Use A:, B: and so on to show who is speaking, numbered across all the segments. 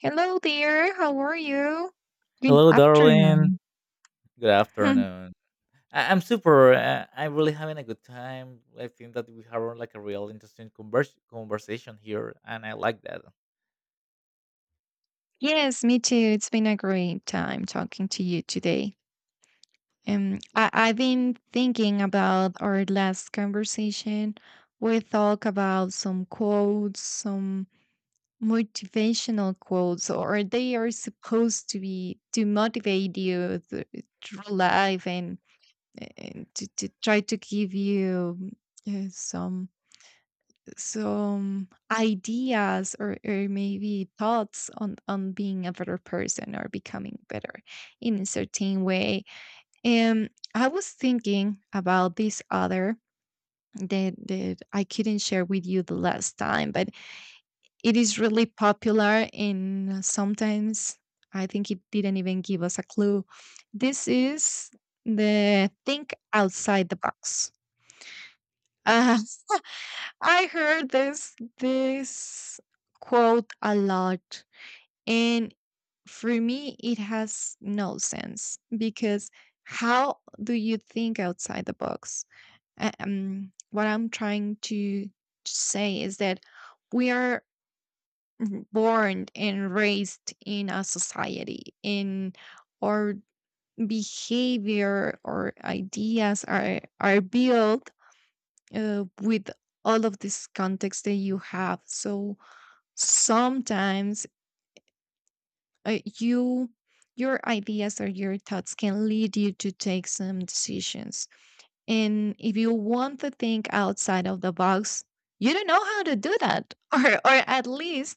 A: Hello there, how are you? Good
B: Hello, darling.
A: afternoon.
B: Good afternoon. I'm super. I'm really having a good time. I think that we have like a real interesting conversation here, and I like that.
A: Yes, me too. It's been a great time talking to you today. I've been thinking about our last conversation. We talked about some quotes, some motivational quotes, or they are supposed to be to motivate you through life and to try to give you uh, some some ideas or maybe thoughts on being a better person or becoming better in a certain way, and I was thinking about this other that, that I couldn't share with you the last time, but it is really popular and sometimes I think it didn't even give us a clue. This is the think outside the box. I heard this quote a lot, and for me it has no sense, because how do you think outside the box? What I'm trying to say is that we are born and raised in a society, and our behavior or ideas are built with all of this context that you have. So sometimes, you, your ideas or your thoughts can lead you to take some decisions, and if you want to think outside of the box, you don't know how to do that. Or at least,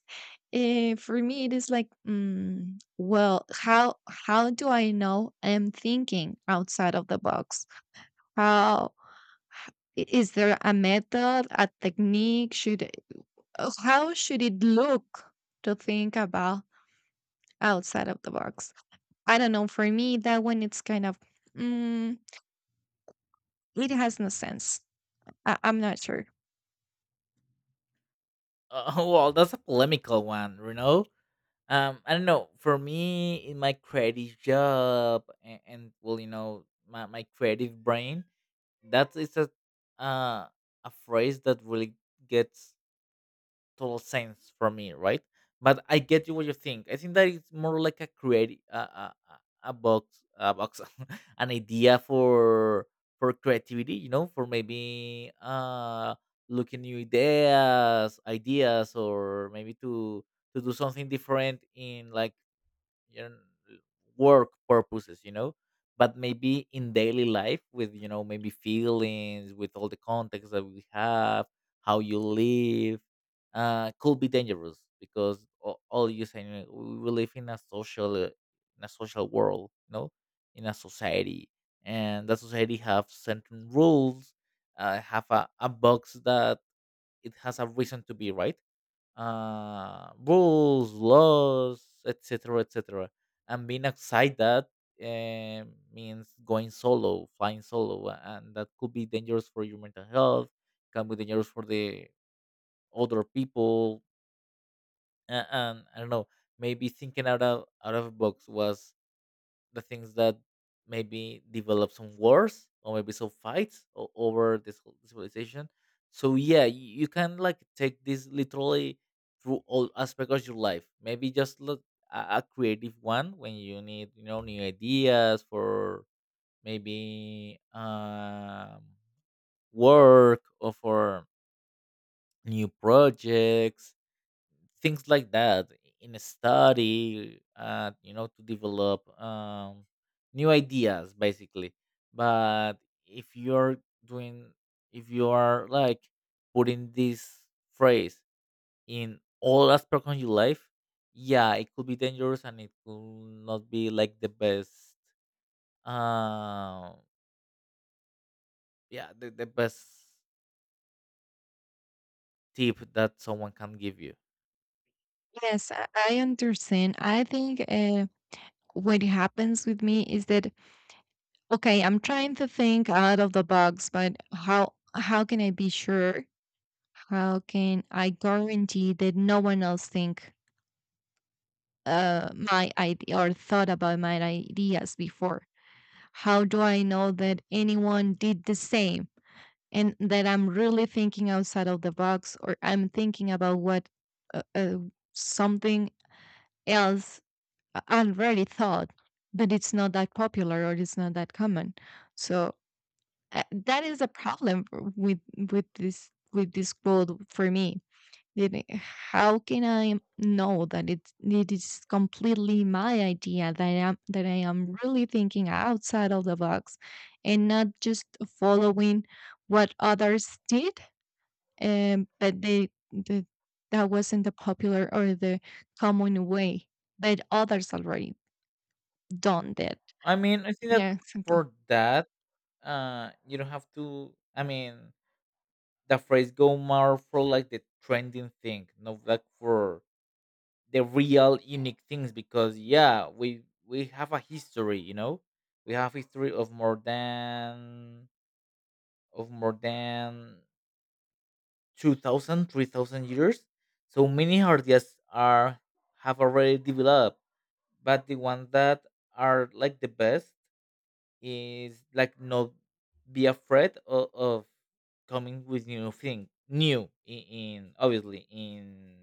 A: for me it is like, well, how do I know I'm thinking outside of the box? How, is there a method, a technique, how should it look to think about outside of the box? I don't know. For me, that one it's kind of, mm, it has no sense. I'm not sure.
B: Oh well, that's a polemical one, you know. I don't know. For me, in my creative job, and well, you know, my creative brain, that is uh, a phrase that really gets total sense for me, right? But I get you what you think. I think that it's more like a creative a box an idea for creativity, you know, for maybe looking new ideas, or maybe to do something different in like you know, work purposes, you know, but maybe in daily life with, you know, maybe feelings, with all the context that we have, how you live, could be dangerous because all you saying we live in a social world, you know, in a society, and that society have certain rules, have a box that it has a reason to be right, rules, laws, etc., etc. And being outside that, uh, means going solo, flying solo, and that could be dangerous for your mental health. Can be dangerous for the other people, and I don't know. Maybe thinking out of box was the things that maybe develop some wars or maybe some fights over this whole civilization. So yeah, you can like take this literally through all aspects of your life. Maybe just look a creative one when you need, you know, new ideas for maybe work or for new projects, things like that, in a study, you know, to develop, new ideas basically. But if you're doing, if you are like putting this phrase in all aspects of your life, yeah, it could be dangerous and it could not be like the best, uh, yeah, the best tip that someone can give you.
A: Yes, I understand. I think, what happens with me is that, okay, I'm trying to think out of the box, but how can I be sure? How can I guarantee that no one else think, my idea or thought about my ideas before? How do I know that anyone did the same, and that I'm really thinking outside of the box, or I'm thinking about what, uh, uh, something else I already thought, but it's not that popular or it's not that common. So, that is a problem with this quote for me. Then, how can I know that it is completely my idea, that I am really thinking outside of the box, and not just following what others did, but they, the, that wasn't the popular or the common way, but others already done that.
B: I mean, I think that
A: Yeah, exactly.
B: for that, you don't have to. I mean, the phrase go more for like the trending thing, not like for the real unique things. Because yeah, we have a history, you know, we have history of more than of more than 2,000, 3,000 years. So many ideas are have already developed, but the ones that are like the best is like not be afraid of, coming with new thing, new in, obviously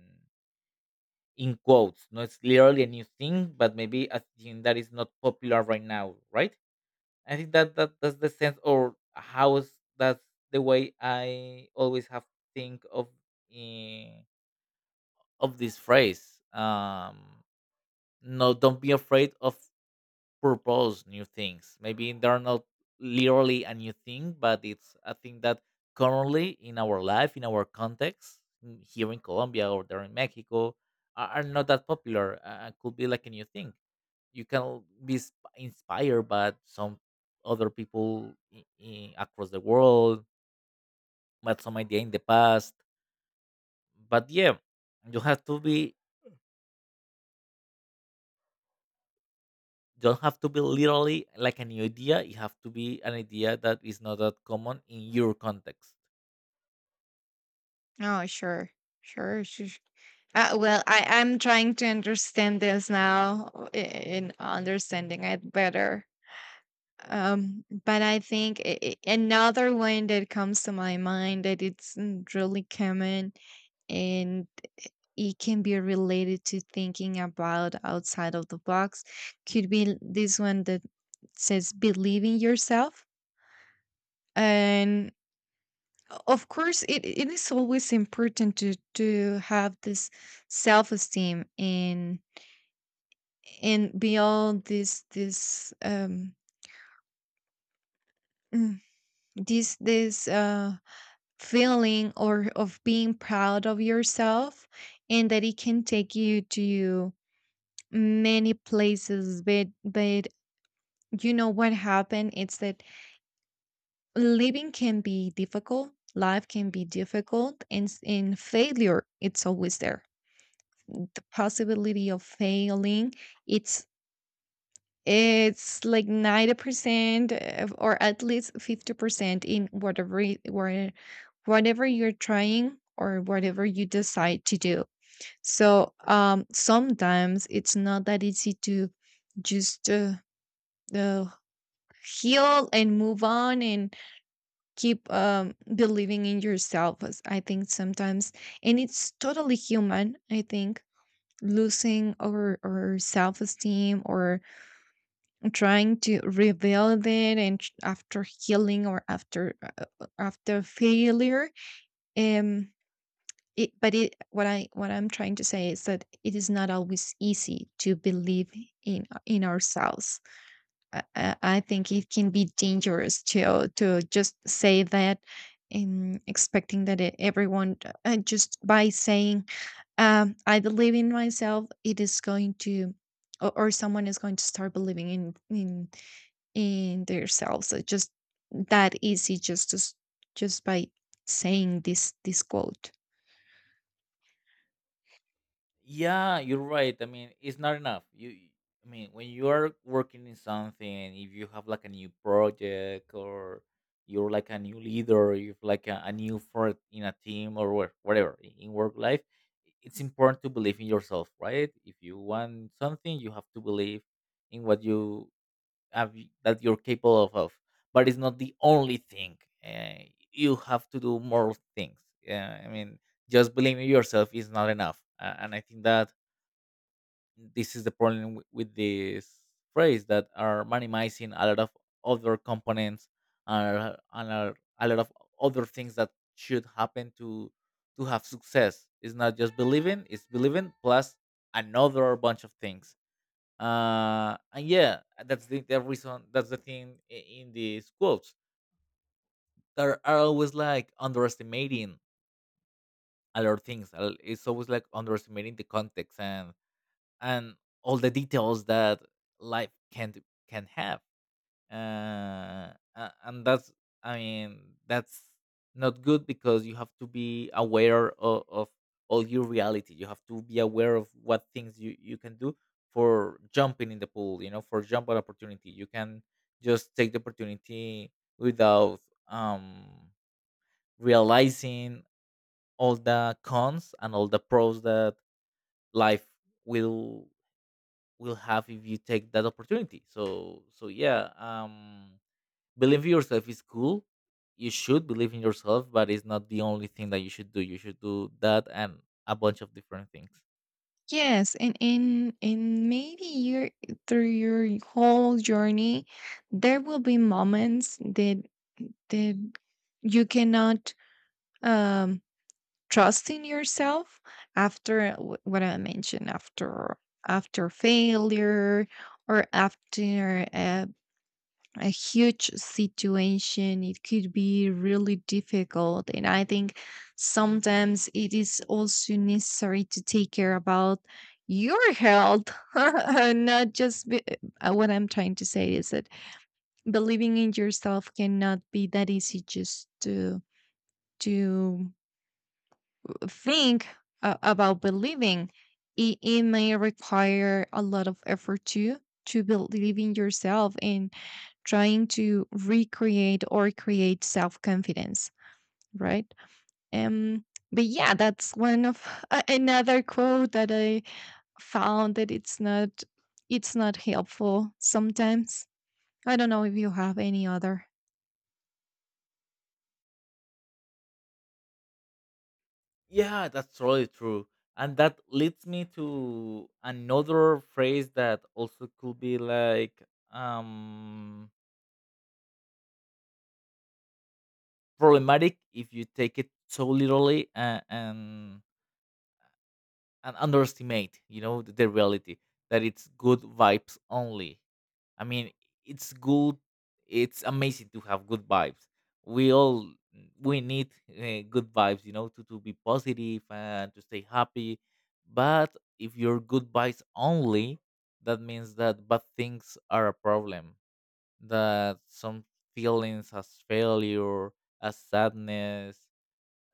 B: in quotes, no, it's literally a new thing, but maybe a thing that is not popular right now, right? I think that that's the sense or how is, that's the way I always have think of, eh, of this phrase. No, don't be afraid of propose new things. Maybe they're not literally a new thing, but it's a thing that currently in our life, in our context, here in Colombia or there in Mexico, are not that popular. Could be like a new thing. You can be inspired by some other people, I across the world, but some idea in the past. But yeah, you have to be, don't have to be literally like a new idea. It have to be an idea that is not that common in your context.
A: Oh, sure, sure, sure, sure. Well, I'm trying to understand this now, in understanding it better. But I think another one that comes to my mind that it's, really common, and it can be related to thinking about outside of the box, could be this one that says believe in yourself. And of course, it is always important to have this self esteem, and beyond this mm, this feeling or of being proud of yourself, and that it can take you to many places, but you know what happened, it's that living can be difficult, life can be difficult, and and failure it's always there, the possibility of failing. it's it's like 90% of- or at least 50% in whatever whatever you're trying or whatever you decide to do. So sometimes it's not that easy to just uh, heal and move on and keep believing in yourself, as I think sometimes, and it's totally human, I think, losing our self-esteem or trying to rebuild it and after healing or after after failure. um it, but it, what I what I'm trying to say is that it is not always easy to believe in ourselves. I think it can be dangerous to just say that, and expecting that everyone, just by saying, I believe in myself, it is going to, or someone is going to start believing in themselves. It's just that easy, just by saying this quote.
B: Yeah, you're right. I mean, it's not enough. You, I mean, when you are working in something, if you have like a new project or you're like a new leader, or you're like a new fort in a team or whatever, in work life, it's important to believe in yourself, right? If you want something, you have to believe in what you have, that you're capable of. But it's not the only thing, uh, you have to do more things. Yeah, I mean, just believing in yourself is not enough, and I think that this is the problem with this phrase, that are minimizing a lot of other components, and are a lot of other things that should happen to have success. It's not just believing, it's believing plus another bunch of things, and yeah, that's the reason, that's the thing, in these quotes there are always like underestimating a lot of things, it's always like underestimating the context, and and all the details that life can have, and that's, I mean, that's not good, because you have to be aware of all your reality. You have to be aware of what things you can do for jumping in the pool, you know, for jump at opportunity, you can just take the opportunity without, um realizing all the cons and all the pros that life will have if you take that opportunity. So yeah, believe in yourself is cool. You should believe in yourself, but it's not the only thing that you should do. You should do that and a bunch of different things.
A: Yes, and in maybe your, through your whole journey, there will be moments that, that you cannot, um trusting yourself, after what I mentioned, after after failure, or after a huge situation, it could be really difficult, and I think sometimes it is also necessary to take care about your health. Not just be, what I'm trying to say is that believing in yourself cannot be that easy, just to think, about believing. It may require a lot of effort too, to believe in yourself, and trying to recreate or create self-confidence, right? um but yeah, that's one of, a- another quote that I found that it's not, it's not helpful sometimes. I don't know if you have any other.
B: Yeah, that's totally true. And that leads me to another phrase that also could be like, um problematic if you take it so literally, and underestimate, you know, the reality, that it's good vibes only. I mean, it's good. It's amazing to have good vibes. We all we need, good vibes, you know, to be positive and to stay happy. But if you're good vibes only, that means that bad things are a problem. That some feelings as failure, as sadness,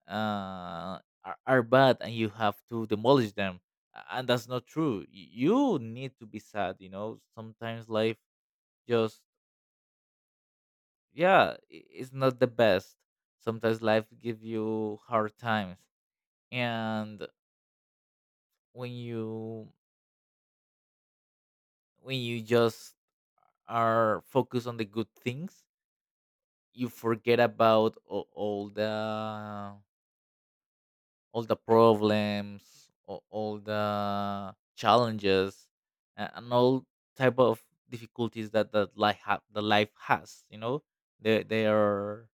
B: are bad and you have to demolish them. And that's not true. You need to be sad, you know, sometimes life just, yeah, it's not the best. Sometimes life give you hard times, and when you, just are focused on the good things, you forget about, all the problems or all the challenges, and all type of difficulties that life, the life has, you know. They are,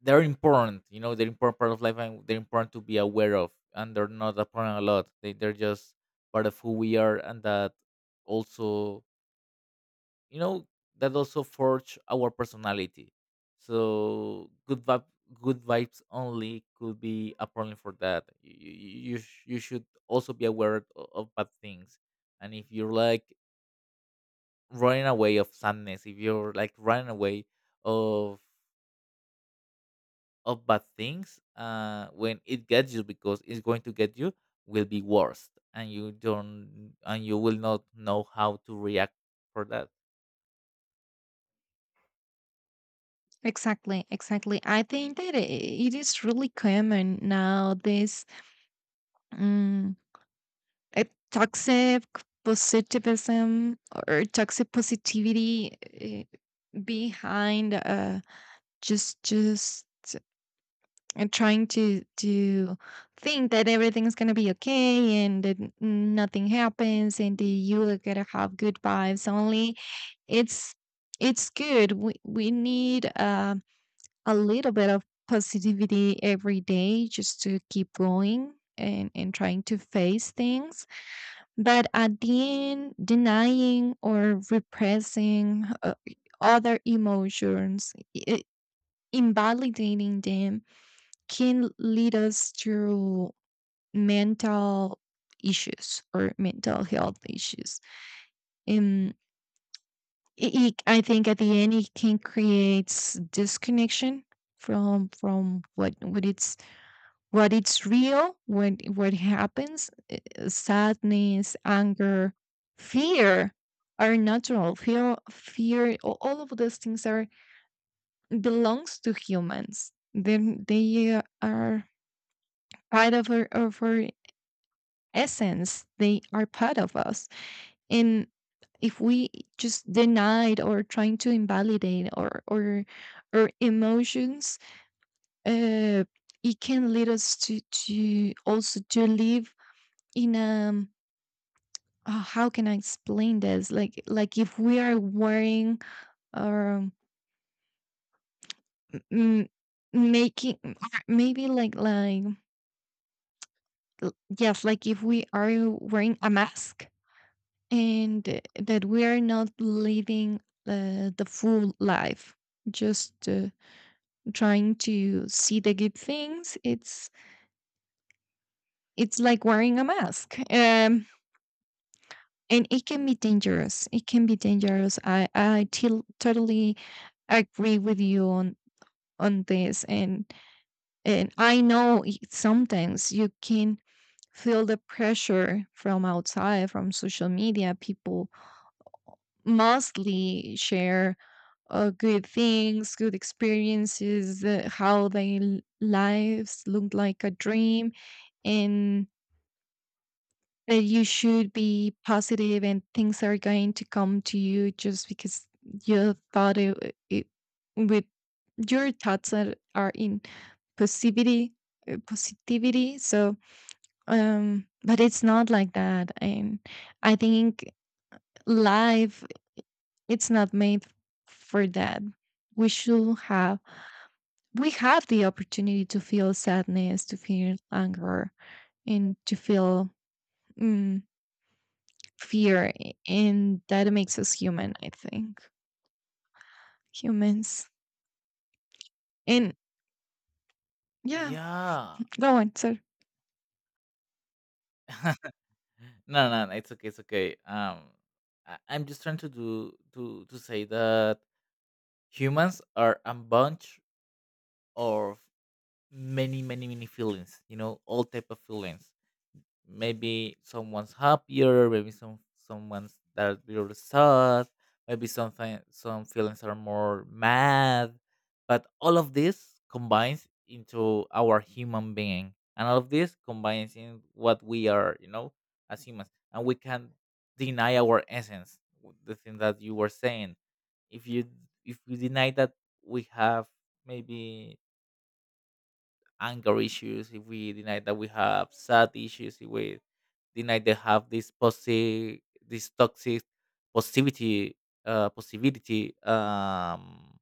B: they're important, you know, they're important part of life and they're important to be aware of, and they're not apparent a lot, they're just part of who we are, and that also, you know, that also forge our personality. So good vibe good vibes only could be a problem, for that you, you should also be aware, of bad things. And if you're like running away of sadness, if you're like running away of bad things, uh, when it gets you, because it's going to get you, will be worse, and you don't, and you will not know how to react for that.
A: Exactly, exactly. I think that, it is really common now, this, Uh, toxic positivism or toxic positivity, behind, just trying to think that everything's gonna be okay, and that nothing happens, and that you are gonna have good vibes only. It's it's good. We need a little bit of positivity every day, just to keep going and trying to face things, but at the end, denying or repressing other emotions, i- invalidating them, can lead us to mental issues or mental health issues. Um, it, I think at the end, it can create disconnection from what it's, what it's real, what happens. Sadness, anger, fear are natural. Fear, fear, all of those things are, belongs to humans. Then they are part of our essence. They are part of us. And if we just denied or trying to invalidate, or emotions, uh, it can lead us to also to live in a, oh, how can I explain this? Like if we are wearing, or m- making, maybe like yes, like if we are wearing a mask, and that we are not living the full life, just trying to see the good things. It's like wearing a mask. And it can be dangerous. It can be dangerous. Totally agree with you on this, and I know sometimes you can feel the pressure from outside, from social media. People mostly share good things, good experiences, how their lives look like a dream, and that you should be positive, and things are going to come to you just because you thought it, it would, your thoughts are in positivity, positivity. So but it's not like that, and I think life, it's not made for that. We should have, we have the opportunity to feel sadness, to feel anger, and to feel, mm, fear, and that makes us human, I think, humans. And yeah,
B: Yeah.
A: go on, sorry.
B: No, no, no, it's okay, it's okay. I'm just trying to do, to say that humans are a bunch of many, many, many feelings. You know, all type of feelings, maybe someone's happier, maybe someone's that little sad, maybe some feelings are more mad, but all of this combines into our human being, and all of this combines in what we are, you know, as humans, and we can deny our essence. The thing that you were saying, if you, deny that we have maybe anger issues, if we deny that we have sad issues, if we deny they have this, this toxic positivity, possibility,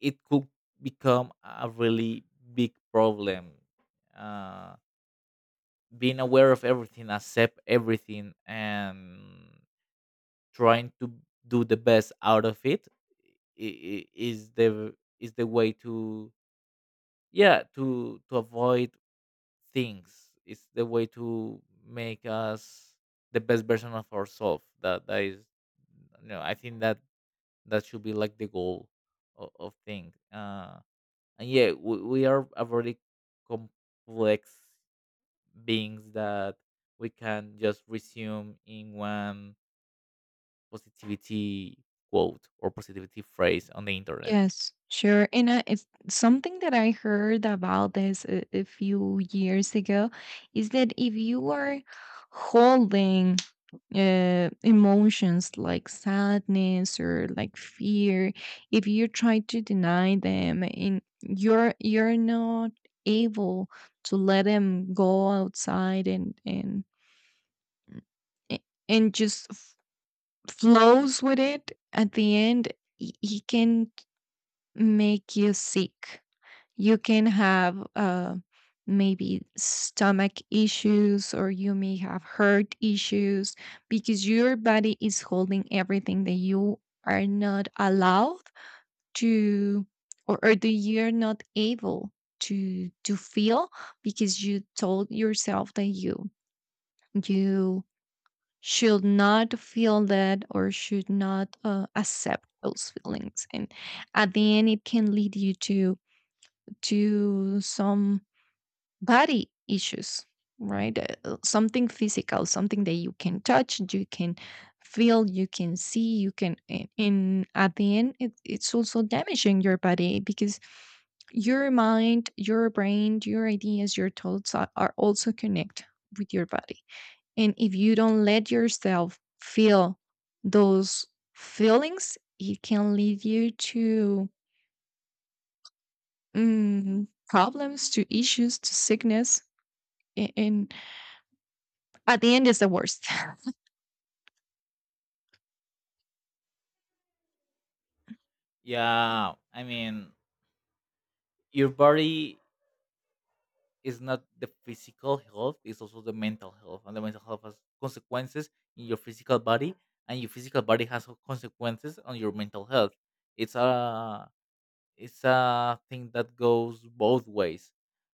B: it could become a really big problem. Uh, being aware of everything, accept everything, and trying to do the best out of it, is the way to, yeah, to avoid things. It's the way to make us the best version of ourselves. That that is, you know, I think that that should be like the goal of things. And yeah, we are a very complex beings that we can just resume in one positivity quote or positivity phrase on the internet.
A: Yes, sure. And it's something that I heard about this a few years ago, is that if you are holding, emotions like sadness or like fear, if you try to deny them, and you're not able to let them go outside, and a- and just flows with it, at the end, he can make you sick. You can have maybe stomach issues, or you may have heart issues, because your body is holding everything that you are not allowed to, or that you're not able to feel, because you told yourself that you should not feel that, or should not accept those feelings, and at the end it can lead you to some body issues, right? Something physical, something that you can touch, you can feel, you can see, you can. And at the end, it, it's also damaging your body, because your mind, your brain, your ideas, your thoughts are also connect with your body. And if you don't let yourself feel those feelings, it can lead you to, problems, to issues, to sickness. And at the end, is the worst.
B: Yeah, I mean, your body, it's not the physical health, it's also the mental health. And the mental health has consequences in your physical body, and your physical body has, consequences on your mental health. It's a it's a thing that goes both ways.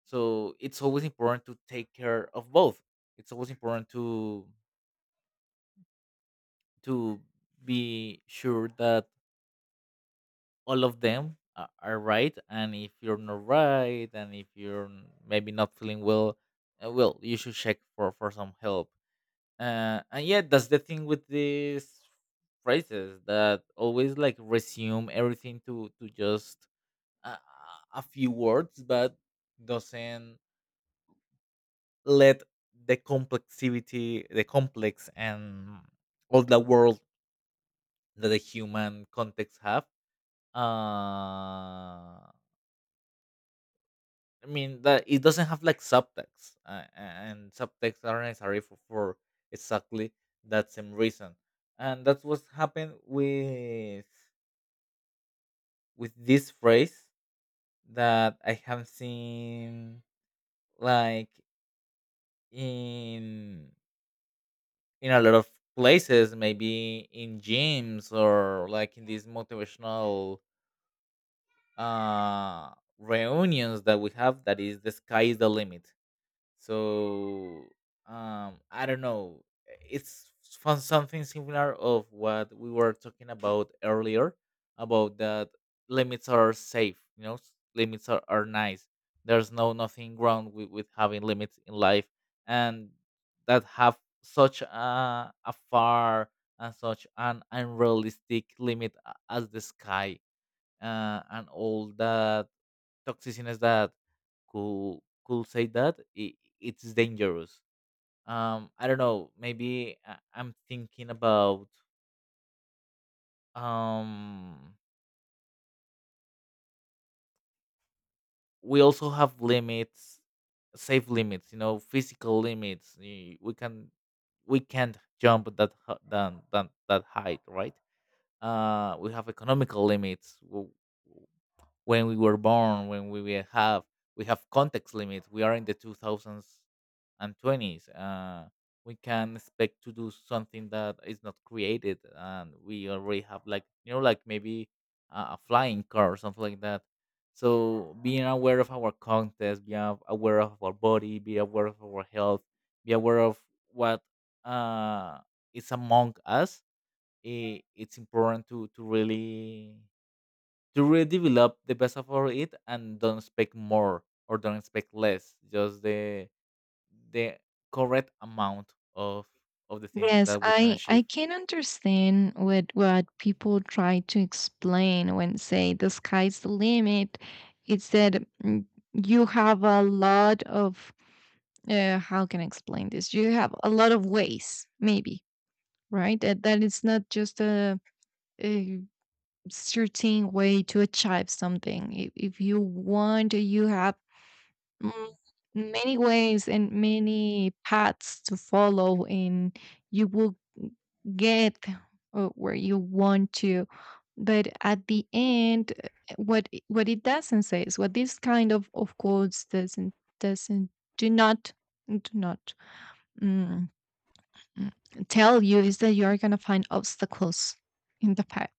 B: So it's always important to take care of both. It's always important to to be sure that all of them are right. And if you're not right, and if you're maybe not feeling well, well, you should check for some help, and yeah, that's the thing with these phrases that always like resume everything to just a, a few words but doesn't let the complexity, the complex, and all the world that the human context have, uh I mean that it doesn't have like subtext, and subtext are necessary for exactly that same reason, and that's what's happened with this phrase that I have seen, like, in a lot of places, maybe in gyms or like in these motivational, uh reunions that we have. That is, the sky is the limit. So I don't know, it's from something similar of what we were talking about earlier, about that limits are safe, you know, limits are nice. There's no nothing wrong with having limits in life, and that have such a far, and such an unrealistic limit, as the sky, and all that toxicness that could say, that I it's dangerous. I don't know. Maybe I'm thinking about, um. We also have limits, safe limits. You know, physical limits. We can't jump that h- than that height, right? We have economical limits, when we were born, when we will have we have context limits. We are in the two thousands and twenties. We can expect to do something that is not created, and we already have like, you know, like maybe, a flying car or something like that. So being aware of our context, be aware of our body, be aware of our health, be aware of what, uh, is among us. It's important to really, to redevelop the best of for it, and don't expect more or don't expect less, just the correct amount of the things
A: Yes,
B: that we can
A: I
B: achieve.
A: can understand what people try to explain when say the sky's the limit. It's that, you have a lot of, how can I explain this? You have a lot of ways, maybe, right? That that it's not just a certain way to achieve something. If you want, you have Mm, many ways and many paths to follow, and you will get where you want to. But at the end, what what it doesn't say is what this kind of course, doesn't do not do not mm, mm, tell you is that you are going to find obstacles in the path,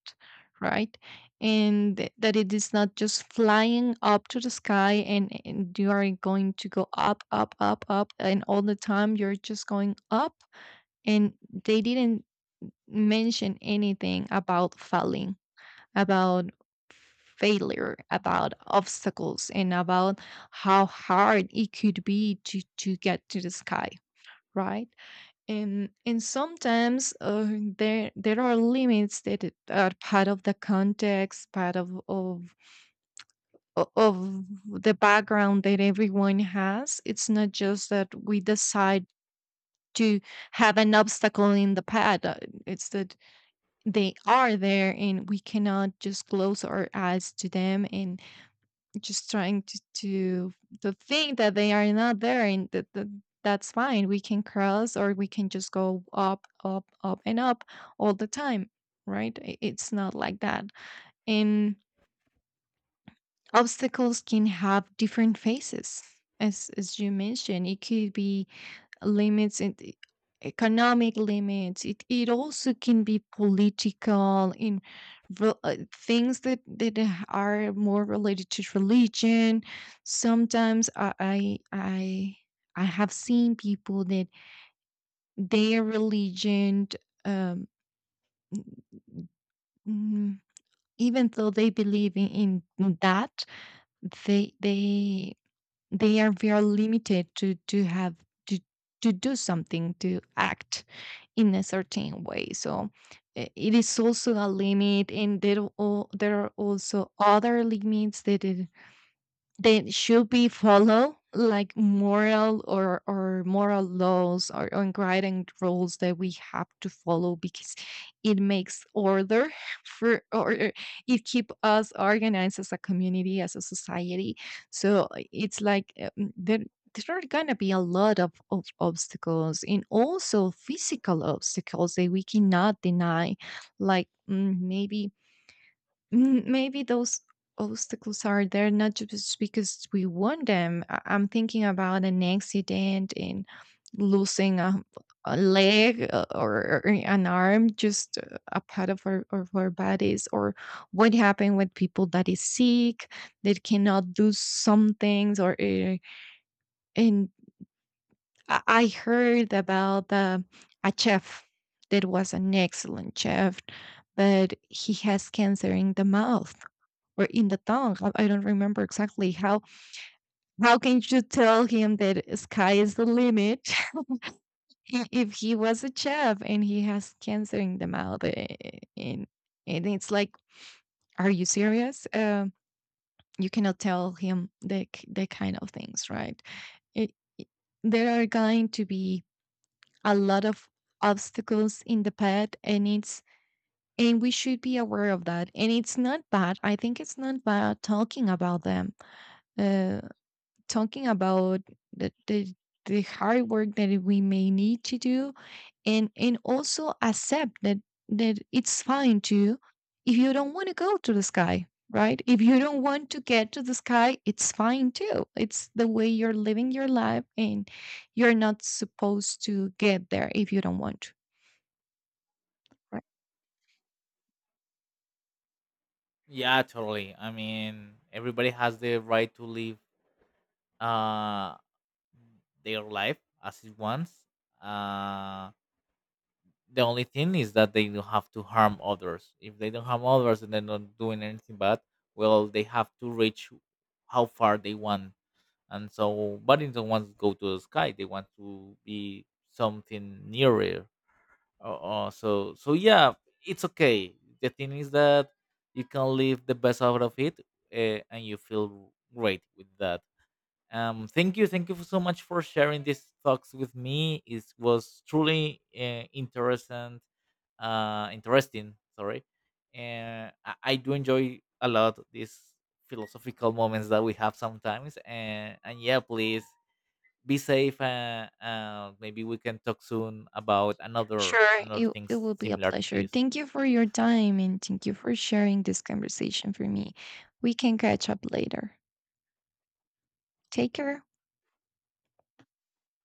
A: right? And that it is not just flying up to the sky, and you are going to go up, up, up, up, and all the time you're just going up. And they didn't mention anything about falling, about failure, about obstacles, and about how hard it could be to get to the sky, right? And sometimes, there are limits that are part of the context, part of the background that everyone has. It's not just that we decide to have an obstacle in the path. It's that they are there, and we cannot just close our eyes to them, and just trying to think that they are not there, and that's fine, we can cross, or we can just go up, up, up, and up all the time. Right? It's not like that. And obstacles can have different faces. As you mentioned, it could be limits and economic limits. It also can be political, in things that are more related to religion. Sometimes I have seen people that, their religion, um mm, even though they believe in that, they they they are very limited to have to to do something, to act in a certain way. So it is also a limit, and there are also other limits that, they should be follow, like moral or moral laws, or guiding rules that we have to follow, because it makes order for or it keep us organized as a community, as a society. So it's like, there are gonna be a lot of obstacles, and also physical obstacles that we cannot deny. Like maybe, maybe those obstacles are there not just because we want them. I'm thinking about an accident and losing a leg, or an arm, just a part of our, bodies, or what happened with people that is sick, that cannot do some things, or and I heard about a chef that was an excellent chef, but he has cancer in the mouth or in the tongue. I don't remember exactly how. How can you tell him that sky is the limit? If he was a chef and he has cancer in the mouth? And and it's like, are you serious? You cannot tell him the kind of things, right? It, it- there are going to be a lot of obstacles in the path, and we should be aware of that. And it's not bad. I think it's not bad talking about them. Uh, Talking about the, the the hard work that we may need to do, and also accept that that it's fine to, if you don't want to go to the sky, right? If you don't want to get to the sky, it's fine too. It's the way you're living your life, and you're not supposed to get there if you don't want to, right?
B: Yeah, totally. I mean, everybody has the right to live, uh their life as it wants. uh the only thing is that they don't have to harm others, if they don't harm others and they're not doing anything bad, well, they have to reach how far they want. And so Buddies don't want to go to the sky, they want to be something nearer. Uh, uh, so so yeah, it's okay. The thing is that you can live the best out of it, and you feel great with that. Thank you, thank you so much for sharing these thoughts with me. It was truly, interesting. Interesting. Sorry, and I do enjoy a lot these philosophical moments that we have sometimes. And yeah, please be safe. Maybe we can talk soon about another
A: Sure,
B: another
A: it,
B: things
A: it will be a
B: similar to
A: pleasure.
B: this.
A: Thank you for your time, and thank you for sharing this conversation for me. We can catch up later. Take care.